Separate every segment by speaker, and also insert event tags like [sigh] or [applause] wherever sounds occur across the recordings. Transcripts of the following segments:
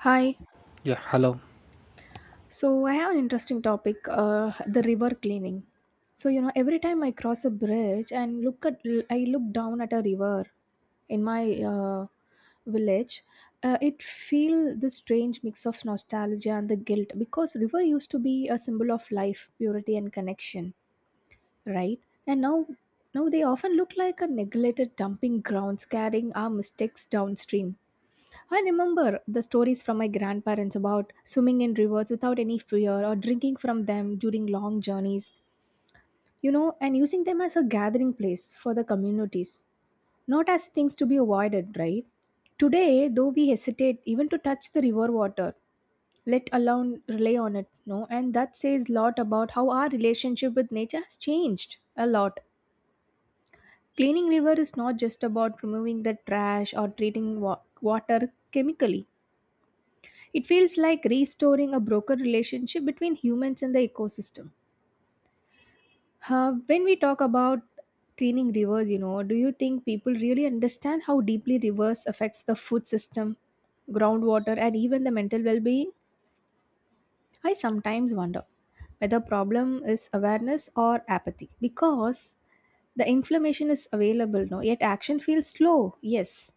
Speaker 1: Hi.
Speaker 2: Yeah, hello.
Speaker 1: So I have an interesting topic, the river cleaning. So you know, every time I cross a bridge and look at, I look down at a river in my village. It feel this strange mix of nostalgia and the guilt because river used to be a symbol of life, purity, and connection, right? And now they often look like a neglected dumping grounds, carrying our mistakes downstream. I remember the stories from my grandparents about swimming in rivers without any fear or drinking from them during long journeys, and using them as a gathering place for the communities, not as things to be avoided, right? Today, though we hesitate even to touch the river water, let alone rely on it, no, and that says a lot about how our relationship with nature has changed a lot. Cleaning river is not just about removing the trash or treating water chemically. It feels like restoring a broken relationship between humans and the ecosystem. When we talk about cleaning rivers, do you think people really understand how deeply rivers affects the food system, groundwater, and even the mental well-being? I sometimes wonder whether problem is awareness or apathy because the information is available, no, yet action feels slow. Yes,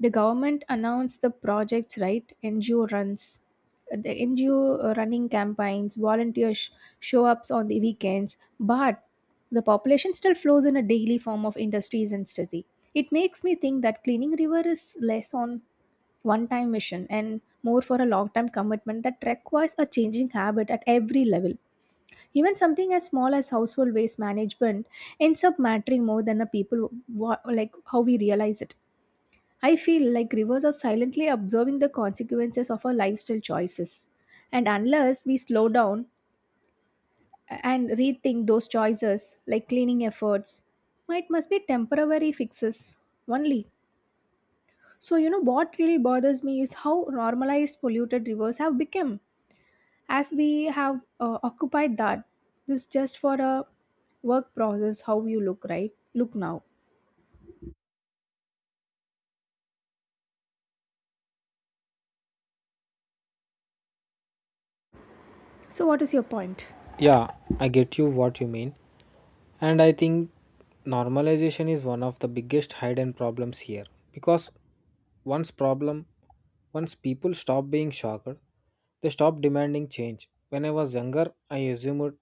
Speaker 1: the government announced the projects, right? NGO runs. The ngo running campaigns, volunteers show ups on the weekends, but the population still flows in a daily form of industries and study. It makes me think that cleaning river is less on one time mission and more for a long time commitment that requires a changing habit at every level. Even something as small as household waste management ends up mattering more than the people like how we realize it. I feel like rivers are silently observing the consequences of our lifestyle choices. And unless we slow down and rethink those choices, like, cleaning efforts might must be temporary fixes only. So, you know, what really bothers me is how normalized polluted rivers have become as we have occupied that. This just for a work process, how you look, right? Look now. So, what is your point?
Speaker 2: Yeah, I get you what you mean. And I think normalization is one of the biggest hidden problems here. Because once problem once people stop being shocked, they stop demanding change. When I was younger, I assumed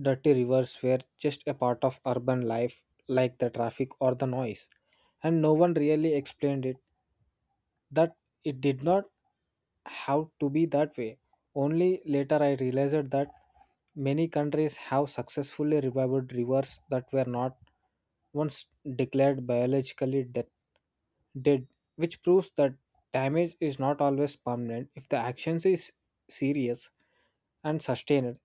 Speaker 2: dirty rivers were just a part of urban life like the traffic or the noise. And no one really explained it that it did not have to be that way. Only later I realized that many countries have successfully revived rivers that were not once declared biologically dead, which proves that damage is not always permanent if the actions is serious and sustained.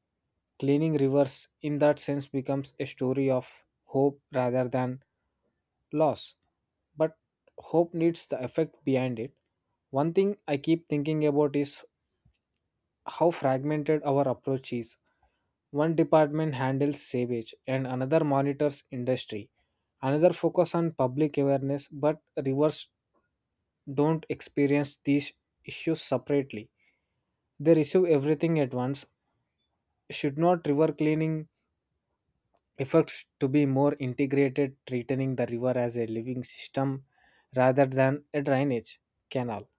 Speaker 2: Cleaning rivers in that sense becomes a story of hope rather than loss. But hope needs the effect behind it. One thing I keep thinking about is how fragmented our approach is. One department handles sewage and another monitors industry. Another focus on public awareness, but rivers don't experience these issues separately. They receive everything at once. Should not river cleaning efforts to be more integrated, treating the river as a living system rather than a drainage canal?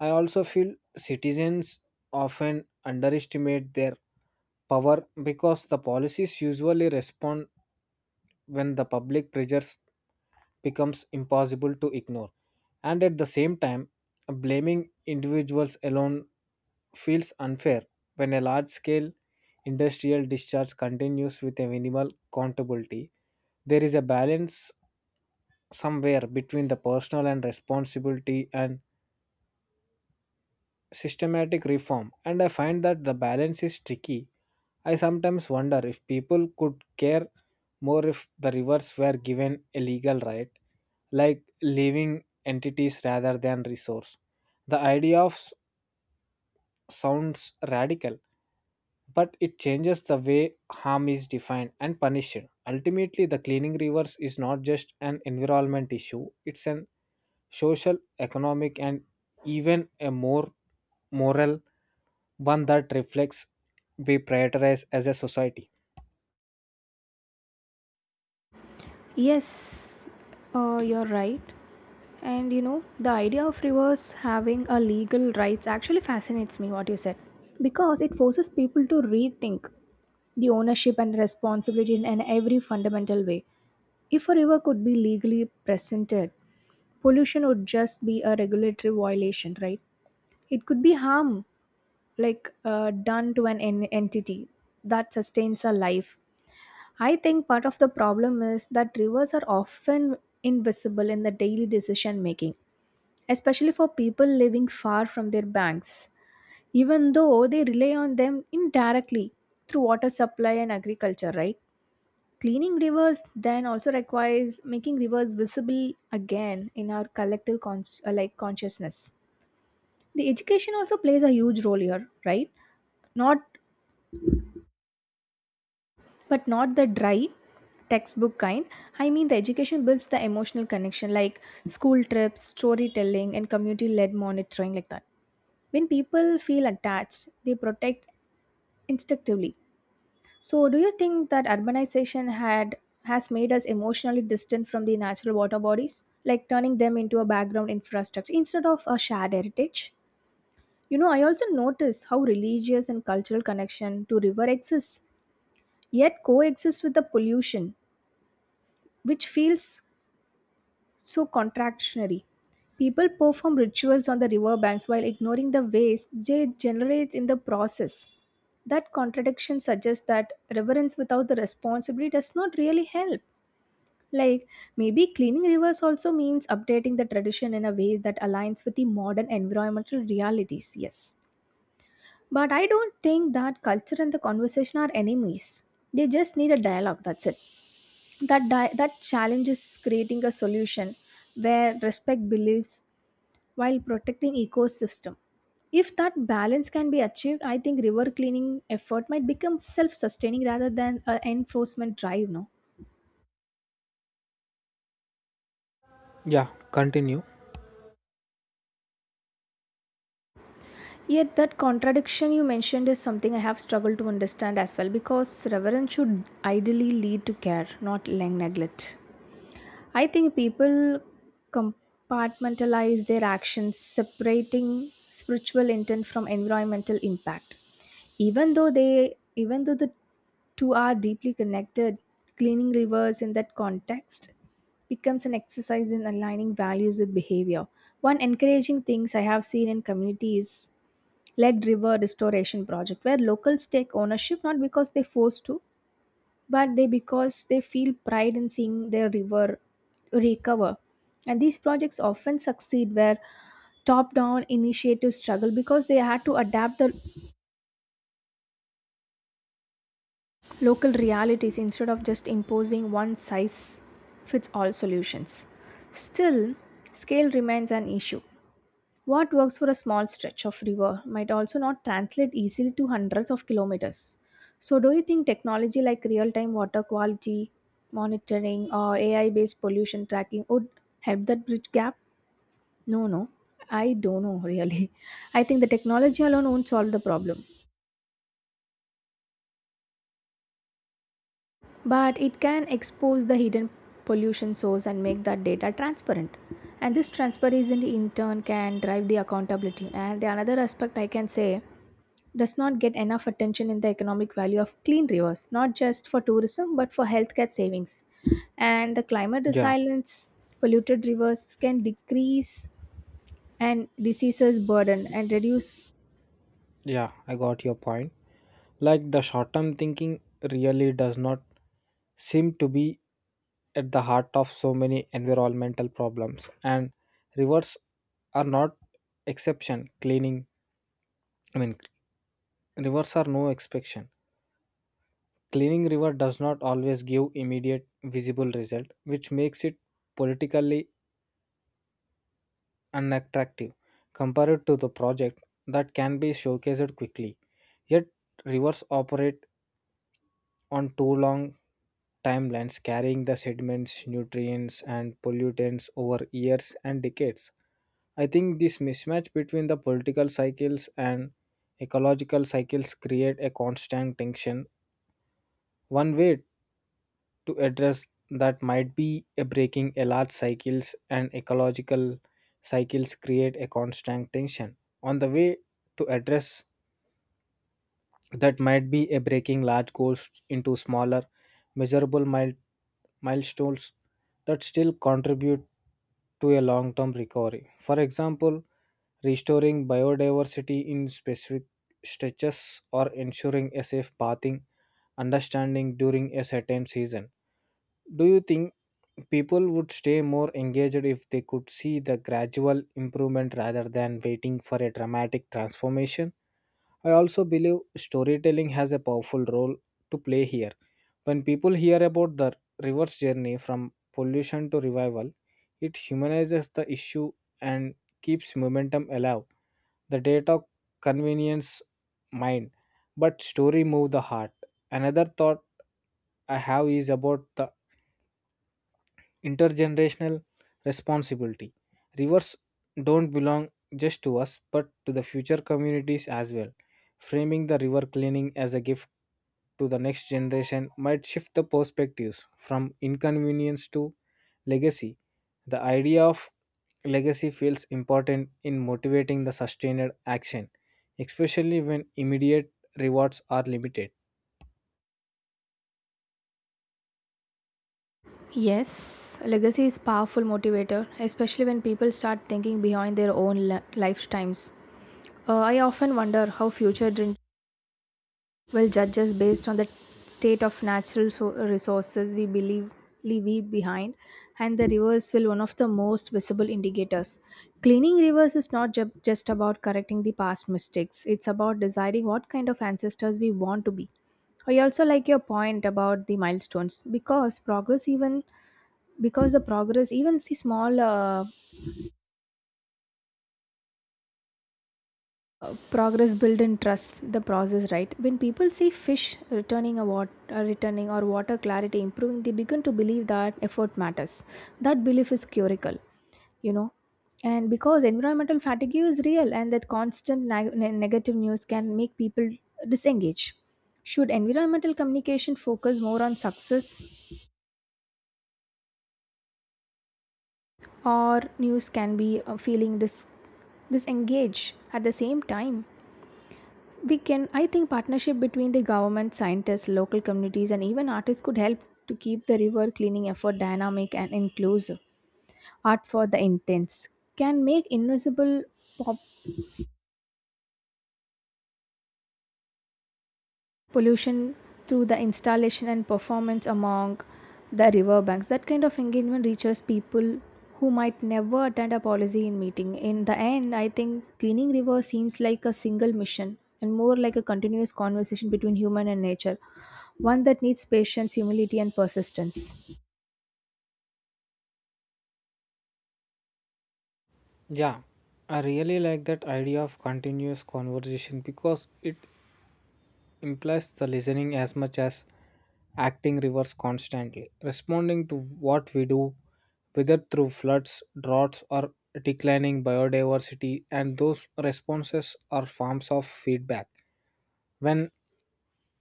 Speaker 2: I also feel citizens often underestimate their power because the policies usually respond when the public pressures becomes impossible to ignore. And at the same time, blaming individuals alone feels unfair when a large scale industrial discharge continues with a minimal accountability. There is a balance somewhere between the personal and responsibility and systematic reform, and I find that the balance is tricky. I sometimes wonder if people could care more if the rivers were given a legal right, like living entities rather than resource. The idea of sounds radical, but it changes the way harm is defined and punished. Ultimately, the cleaning rivers is not just an environment issue; it's an social, economic, and even a more moral one that reflects we prioritize as a society.
Speaker 1: Yes, you're right. And you know, the idea of rivers having a legal rights actually fascinates me, what you said, because it forces people to rethink the ownership and responsibility in an every fundamental way. If a river could be legally presented, pollution would just be a regulatory violation, right? It could be harm like done to entity that sustains a life. I think part of the problem is that rivers are often invisible in the daily decision making, especially for people living far from their banks, even though they rely on them indirectly through water supply and agriculture, right? Cleaning rivers then also requires making rivers visible again in our collective like consciousness. The education also plays a huge role here, right? Not, but not the dry textbook kind. I mean the education builds the emotional connection, like school trips, storytelling, and community led monitoring, like that. When people feel attached, they protect instinctively. So do you think that urbanization had has made us emotionally distant from the natural water bodies, like turning them into a background infrastructure instead of a shared heritage? You know, I also notice how religious and cultural connection to river exists yet coexist with the pollution, which feels so contractionary. People perform rituals on the riverbanks while ignoring the waste they generate in the process. That contradiction suggests that reverence without the responsibility does not really help. Like, maybe cleaning rivers also means updating the tradition in a way that aligns with the modern environmental realities, yes. But I don't think that culture and the conversation are enemies. They just need a dialogue, that's it. That challenge is creating a solution where respect believes while protecting ecosystem. If that balance can be achieved, I think river cleaning effort might become self-sustaining rather than an enforcement drive, no?
Speaker 2: Yeah, continue.
Speaker 1: Yet that contradiction you mentioned is something I have struggled to understand as well because reverence should ideally lead to care, not lang neglect. I think people compartmentalize their actions, separating spiritual intent from environmental impact. Even though the two are deeply connected, cleaning rivers in that context becomes an exercise in aligning values with behavior. One encouraging things I have seen in communities led river restoration project where locals take ownership, not because they forced to, but they because they feel pride in seeing their river recover. And these projects often succeed where top down initiatives struggle because they had to adapt the local realities instead of just imposing one size fits all solutions. Still, scale remains an issue. What works for a small stretch of river might also not translate easily to hundreds of kilometers. So, do you think technology like real time water quality monitoring or AI based pollution tracking would help that bridge gap? No, no, I don't know really. [laughs] I think the technology alone won't solve the problem, but it can expose the hidden pollution source and make that data transparent. And this transparency in turn can drive the accountability. And the another aspect I can say does not get enough attention in the economic value of clean rivers, not just for tourism but for healthcare savings. And the climate
Speaker 2: Yeah,
Speaker 1: resilience, polluted rivers can decrease and diseases burden and reduce.
Speaker 2: yeah, I got your point. Like the short term thinking really does not seem to be at the heart of so many environmental problems, and rivers are not exception. Cleaning, I mean, rivers are no exception. Cleaning river does not always give immediate visible result, which makes it politically unattractive compared to the project that can be showcased quickly. Yet rivers operate on too long timelines, carrying the sediments, nutrients and pollutants over years and decades. I think this mismatch between the political cycles and ecological cycles create a constant tension. One way to address that might be a breaking a large cycles and ecological cycles create a constant tension on the way to address that might be a breaking large goals into smaller measurable milestones that still contribute to a long-term recovery, for example restoring biodiversity in specific stretches or ensuring a safe pathing understanding during a certain season. Do you think people would stay more engaged if they could see the gradual improvement rather than waiting for a dramatic transformation? I also believe storytelling has a powerful role to play here. When people hear about the reverse journey from pollution to revival, it humanizes the issue and keeps momentum alive. The data convenience mind, but story move the heart. Another thought I have is about the intergenerational responsibility. Rivers don't belong just to us, but to the future communities as well. Framing the river cleaning as a gift to the next generation might shift the perspectives from inconvenience to legacy. The idea of legacy feels important in motivating the sustained action, especially when immediate rewards are limited.
Speaker 1: Yes, legacy is powerful motivator, especially when people start thinking behind their own lifetimes. I often wonder how well, judges, based on the state of natural resources we believe we behind, and the rivers will one of the most visible indicators. Cleaning rivers is not just about correcting the past mistakes; it's about deciding what kind of ancestors we want to be. I also like your point about the milestones because progress, even the small progress, built in trust the process, right? When people see fish returning or water clarity improving, they begin to believe that effort matters. That belief is curical, you know. And because environmental fatigue is real, and that constant negative news can make people disengage, should environmental communication focus more on success, or news can be a feeling disengaged at the same time? We can, I think, partnership between the government, scientists, local communities, and even artists could help to keep the river cleaning effort dynamic and inclusive. Art for the intense can make invisible pop pollution through the installation and performance among the river banks. That kind of engagement reaches people who might never attend a policy in meeting. In the end, I think cleaning river seems like a single mission and more like a continuous conversation between human and nature, one that needs patience, humility, and persistence.
Speaker 2: Yeah, I really like that idea of continuous conversation because it implies the listening as much as acting reverse constantly, responding to what we do, whether through floods, droughts, or declining biodiversity, and those responses are forms of feedback. When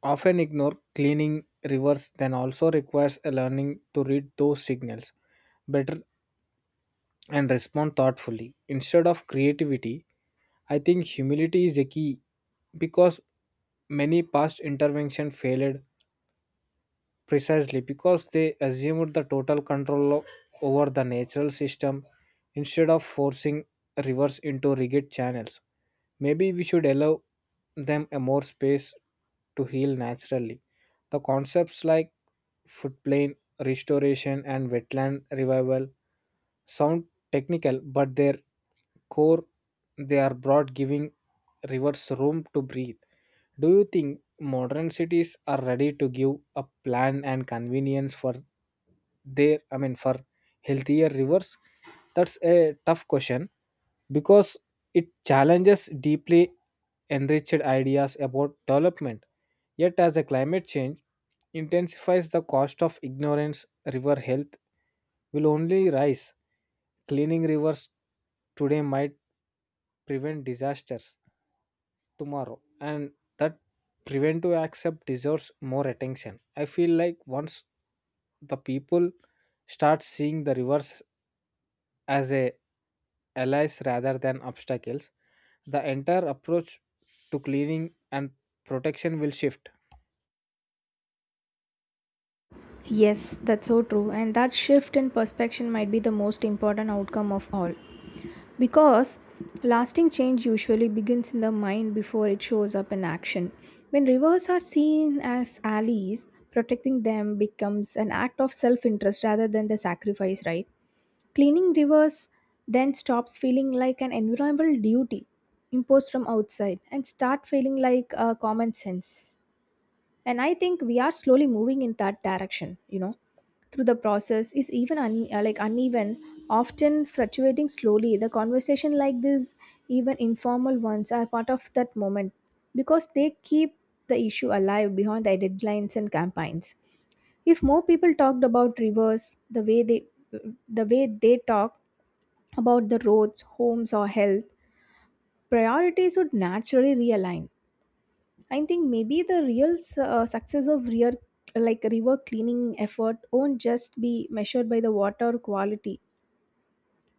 Speaker 2: often ignored, cleaning rivers then also requires a learning to read those signals better and respond thoughtfully. Instead of creativity, I think humility is a key because many past intervention failed, precisely because they assumed the total control over the natural system. Instead of forcing rivers into rigid channels, maybe we should allow them a more space to heal naturally. The concepts like floodplain restoration and wetland revival sound technical, but their core, they are broad, giving rivers room to breathe. Do you think modern cities are ready to give up land and convenience for their, I mean for healthier rivers? That's a tough question because it challenges deeply enriched ideas about development. Yet as a climate change intensifies, the cost of ignorance, river health will only rise. Cleaning rivers today might prevent disasters tomorrow, and that preventive accept deserves more attention. I feel like once the people start seeing the rivers as a allies rather than obstacles, the entire approach to cleaning and protection will shift.
Speaker 1: Yes, that's so true, and that shift in perspective might be the most important outcome of all. Because lasting change usually begins in the mind before it shows up in action. When rivers are seen as allies, protecting them becomes an act of self interest rather than the sacrifice, right? Cleaning rivers then stops feeling like an environmental duty imposed from outside and start feeling like a common sense. And I think we are slowly moving in that direction, you know, through the process is even like uneven, often fluctuating slowly. The conversation like this, even informal ones, are part of that moment because they keep the issue alive behind the deadlines and campaigns. If more people talked about rivers the way they talk about the roads, homes, or health, priorities would naturally realign. I think maybe the real success of like river cleaning effort won't just be measured by the water quality,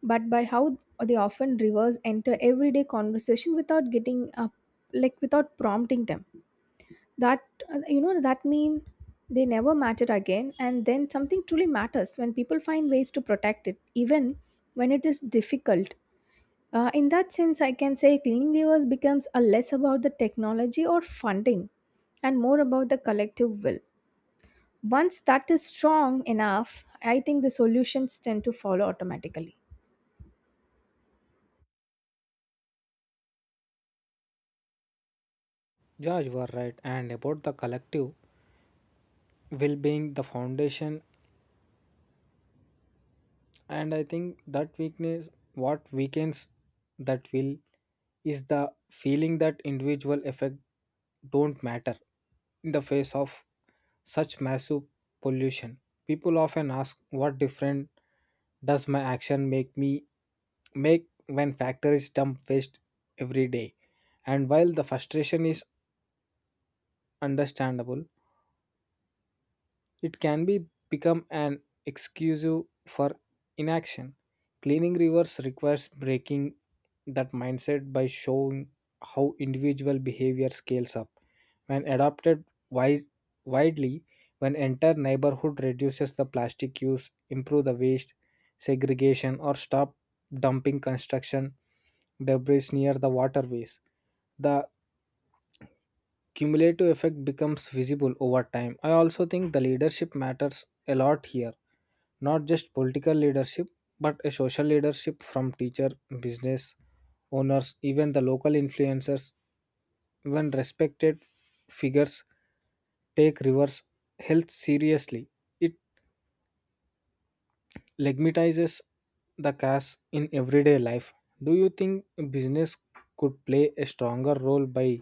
Speaker 1: but by how they often rivers enter everyday conversation without getting up, like without prompting them. That that mean they never matter again, and then something truly matters when people find ways to protect it, even when it is difficult. In that sense, I can say cleaning rivers becomes a less about the technology or funding and more about the collective will. Once that is strong enough, I think the solutions tend to follow automatically.
Speaker 2: Yeah, you are right. And about the collective well-being the foundation, and I think that weakness what weakens that will is the feeling that individual effect don't matter in the face of such massive pollution. People often ask what different does my action make me make when factories dump waste every day. And while the frustration is understandable, it can be become an excuse for inaction. Cleaning rivers requires breaking that mindset by showing how individual behavior scales up. When adopted widely, when entire neighborhood reduces the plastic use, improve the waste segregation, or stop dumping construction debris near the waterways, the cumulative effect becomes visible over time. I also think the leadership matters a lot here, not just political leadership, but a social leadership from teacher, business owners, even the local influencers. When respected figures take reverse health seriously, it legitimatizes the cash in everyday life. Do you think business could play a stronger role by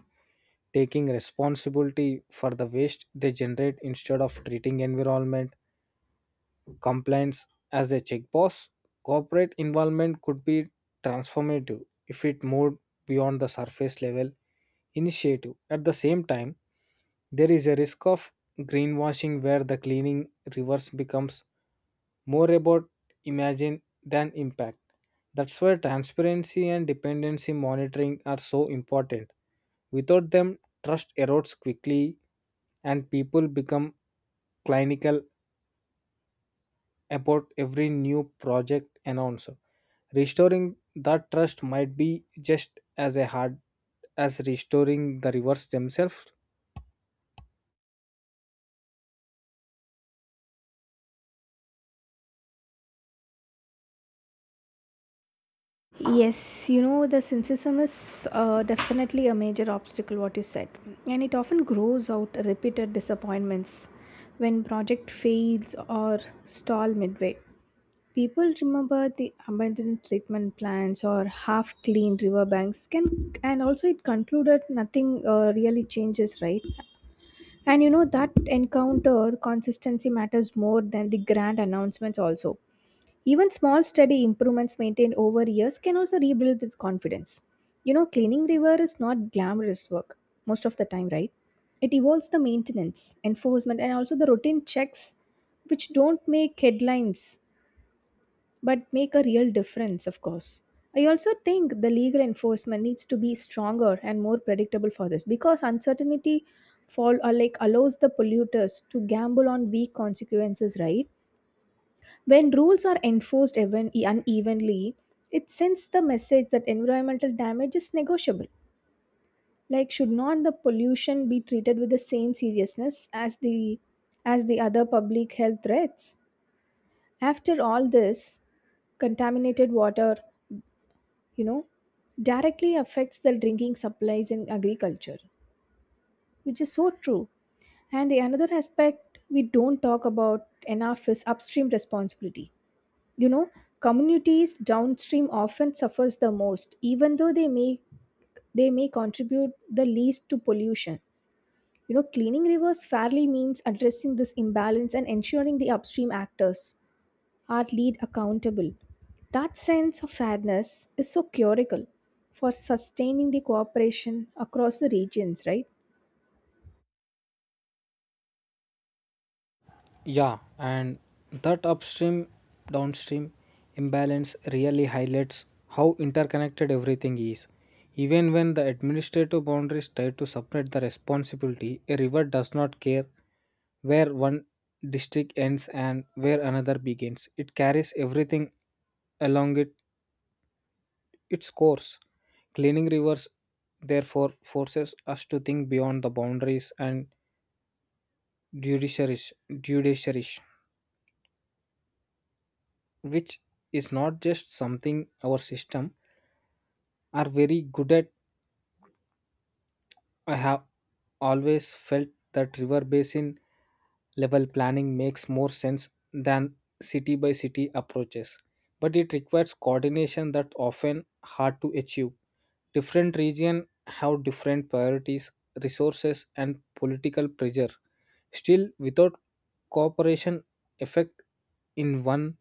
Speaker 2: taking responsibility for the waste they generate instead of treating environment compliance as a check box? Corporate involvement could be transformative if it moved beyond the surface level initiative. At the same time, there is a risk of greenwashing where the cleaning reverse becomes more about imagine than impact. That's why transparency and dependency monitoring are so important. Without them, trust erodes quickly and people become clinical about every new project announced. Restoring that trust might be just as a hard as restoring the rivers themselves.
Speaker 1: Yes, you know, the cynicism is definitely a major obstacle, what you said. And it often grows out repeated disappointments when project fails or stall midway. People remember the abandoned treatment plants or half-cleaned riverbanks can, and also it concluded nothing really changes, right? And you know that encounter consistency matters more than the grand announcements. Also, even small steady improvements maintained over years can also rebuild this confidence. You know, cleaning river is not glamorous work most of the time, right? It involves the maintenance, enforcement, and also the routine checks, which don't make headlines but make a real difference, of course. I also think the legal enforcement needs to be stronger and more predictable for this because uncertainty fall or like allows the polluters to gamble on weak consequences, right? When rules are enforced even unevenly, it sends the message that environmental damage is negotiable. Like should not the pollution be treated with the same seriousness as the other public health threats? After all this, contaminated water you know directly affects the drinking supplies in agriculture, which is so true. And the another aspect we don't talk about enough is upstream responsibility you know Communities downstream often suffers the most, even though they may contribute the least to pollution. You know, cleaning rivers fairly means addressing this imbalance and ensuring the upstream actors are lead accountable. That sense of fairness is so curical for sustaining the cooperation across the regions, right?
Speaker 2: Yeah, and that upstream downstream imbalance really highlights how interconnected everything is. Even when the administrative boundaries try to separate the responsibility, a river does not care where one district ends and where another begins. It carries everything along it its course. Cleaning rivers, therefore, forces us to think beyond the boundaries and judiciaries, which is not just something our system are very good at. I have always felt that river basin level planning makes more sense than city by city approaches, but it requires coordination that often hard to achieve. Different regions have different priorities, resources, and political pressure. Still, without cooperation, effect in one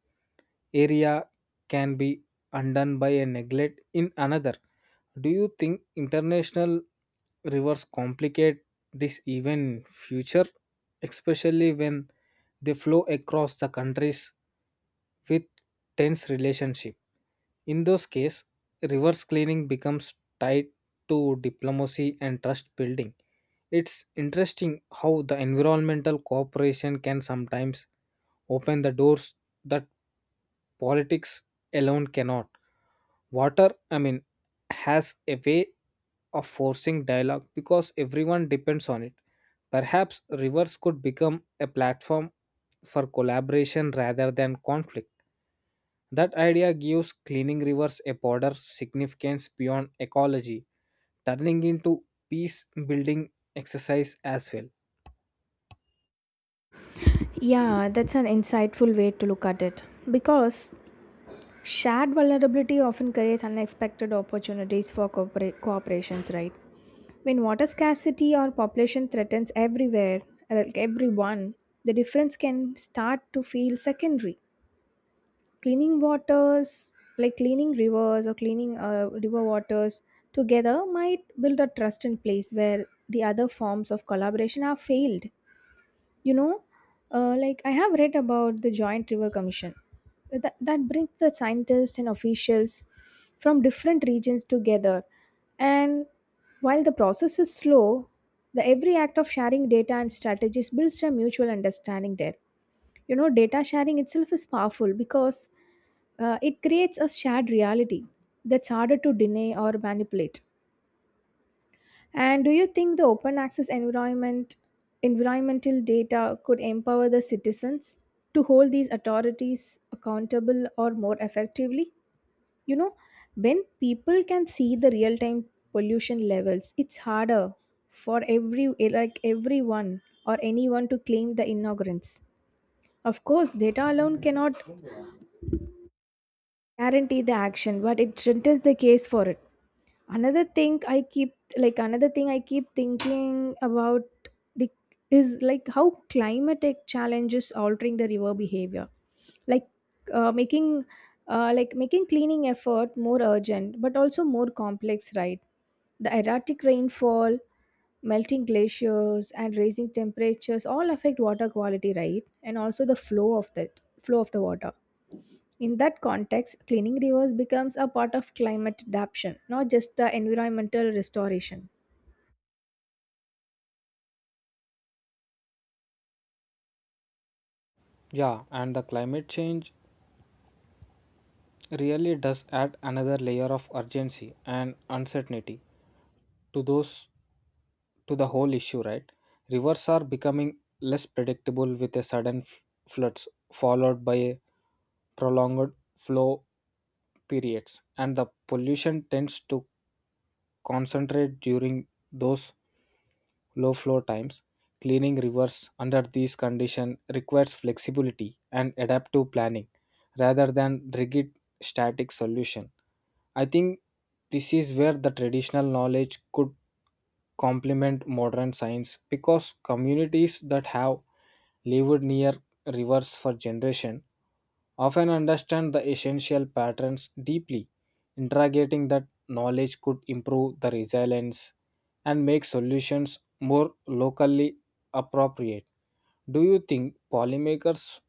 Speaker 2: area can be undone by a neglect in another. Do you think international rivers complicate this even future, especially when they flow across the countries with tense relationship? In those cases, reverse cleaning becomes tied to diplomacy and trust building. It's interesting how the environmental cooperation can sometimes open the doors that politics alone cannot. Water, I mean, has a way of forcing dialogue because everyone depends on it. Perhaps rivers could become a platform for collaboration rather than conflict. That idea gives cleaning rivers a broader significance beyond ecology, turning into peace building exercise as well.
Speaker 1: Yeah, that's an insightful way to look at it because shared vulnerability often creates unexpected opportunities for cooperations, right? When water scarcity or population threatens everywhere, like everyone, the difference can start to feel secondary. Cleaning waters, like cleaning rivers or cleaning river waters together might build a trust in place where the other forms of collaboration have failed. you know like I have read about the joint river commission that brings the scientists and officials from different regions together. And while the process is slow, the every act of sharing data and strategies builds a mutual understanding there. You know, data sharing itself is powerful because it creates a shared reality that's harder to deny or manipulate. And do you think the open access environmental data could empower the citizens to hold these authorities accountable or more effectively? You know, when people can see the real time pollution levels, it's harder for everyone or anyone to claim the ignorance. Of course, data alone cannot guarantee the action, but it strengthens the case for it. Another thing I keep thinking about the is like how climatic challenges altering the river behavior, like uh, making making cleaning effort more urgent but also more complex, right? The erratic rainfall, melting glaciers and raising temperatures all affect water quality, right? And also the flow of the water. In that context, cleaning rivers becomes a part of climate adaptation, not just the environmental restoration.
Speaker 2: Yeah, and the climate change really does add another layer of urgency and uncertainty to those to the whole issue, right? Rivers are becoming less predictable with a sudden floods followed by a prolonged flow periods, and the pollution tends to concentrate during those low flow times. Cleaning rivers under these conditions requires flexibility and adaptive planning rather than rigid static solution. I think this is where the traditional knowledge could complement modern science, because communities that have lived near rivers for generation often understand the essential patterns deeply. Interrogating that knowledge could improve the resilience and make solutions more locally appropriate. Do you think policymakers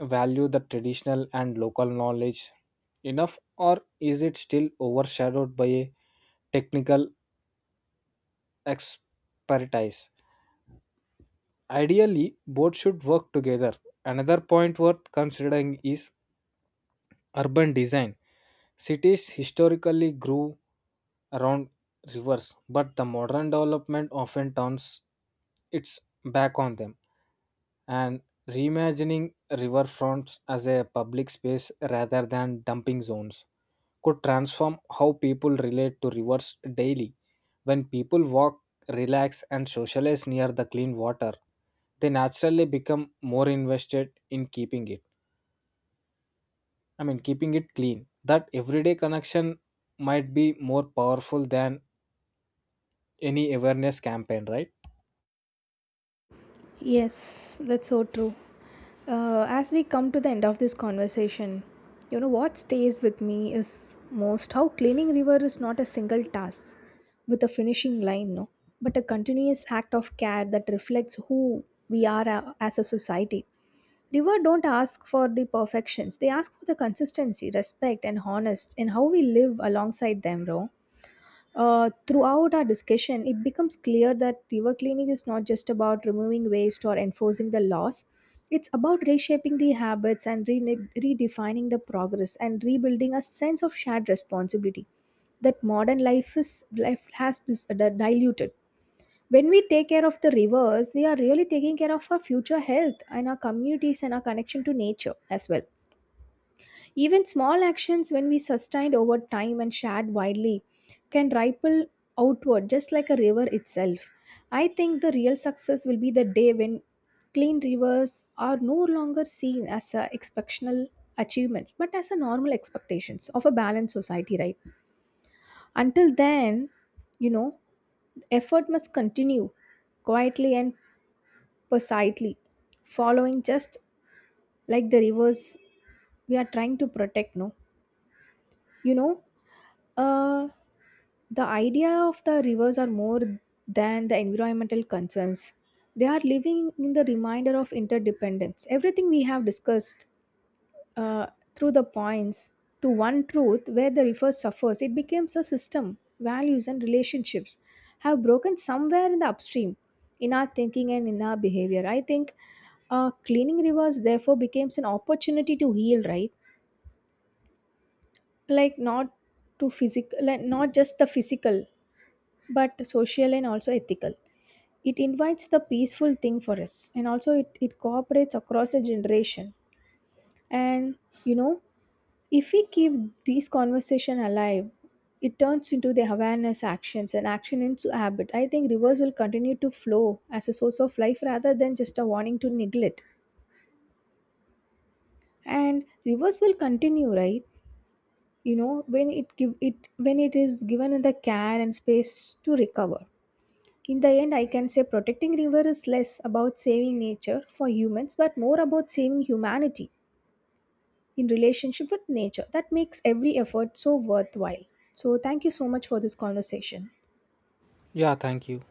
Speaker 2: value the traditional and local knowledge enough, or is it still overshadowed by a technical expertise? Ideally, both should work together. Another point worth considering is urban design. Cities historically grew around rivers, but the modern development often turns its back on them. And reimagining riverfronts as a public space rather than dumping zones could transform how people relate to rivers daily. When people walk, relax, and socialize near the clean water, they naturally become more invested in keeping it. I mean, keeping it clean. That everyday connection might be more powerful than any awareness campaign, right?
Speaker 1: Yes, that's so true. As we come to the end of this conversation, you know, what stays with me is most how cleaning river is not a single task with a finishing line, no, but a continuous act of care that reflects who we as a society. River don't ask for the perfections; they ask for the consistency, respect, and honest in how we live alongside them, bro. Throughout our discussion, it becomes clear that river cleaning is not just about removing waste or enforcing the laws. It's about reshaping the habits and redefining the progress and rebuilding a sense of shared responsibility that modern life has diluted. When we take care of the rivers, we are really taking care of our future health and our communities and our connection to nature as well. Even small actions, when we sustained over time and shared widely, can ripple outward just like a river itself. I think the real success will be the day when clean rivers are no longer seen as a exceptional achievements but as a normal expectations of a balanced society, right? Until then you know effort must continue quietly and precisely, following just like the rivers we are trying to protect, no you know uh The idea of the rivers are more than the environmental concerns. They are living in the reminder of interdependence. Everything we have discussed uh, through the points to one truth where the river suffers, it becomes a system. Values and relationships have broken somewhere in the upstream, in our thinking and in our behavior. I think cleaning rivers therefore becomes an opportunity to heal, right? Like not like not just the physical but social and also ethical. It invites the peaceful thing for us, and also it cooperates across a generation. And you know, if we keep these conversation alive, it turns into the awareness actions and action into habit. I think rivers will continue to flow as a source of life rather than just a warning to neglect. And rivers will continue, right? You know, when it is given the care and space to recover. In the end, I can say protecting river is less about saving nature for humans but more about saving humanity in relationship with nature. That makes every effort so worthwhile. So thank you so much for this conversation.
Speaker 2: Yeah, thank you.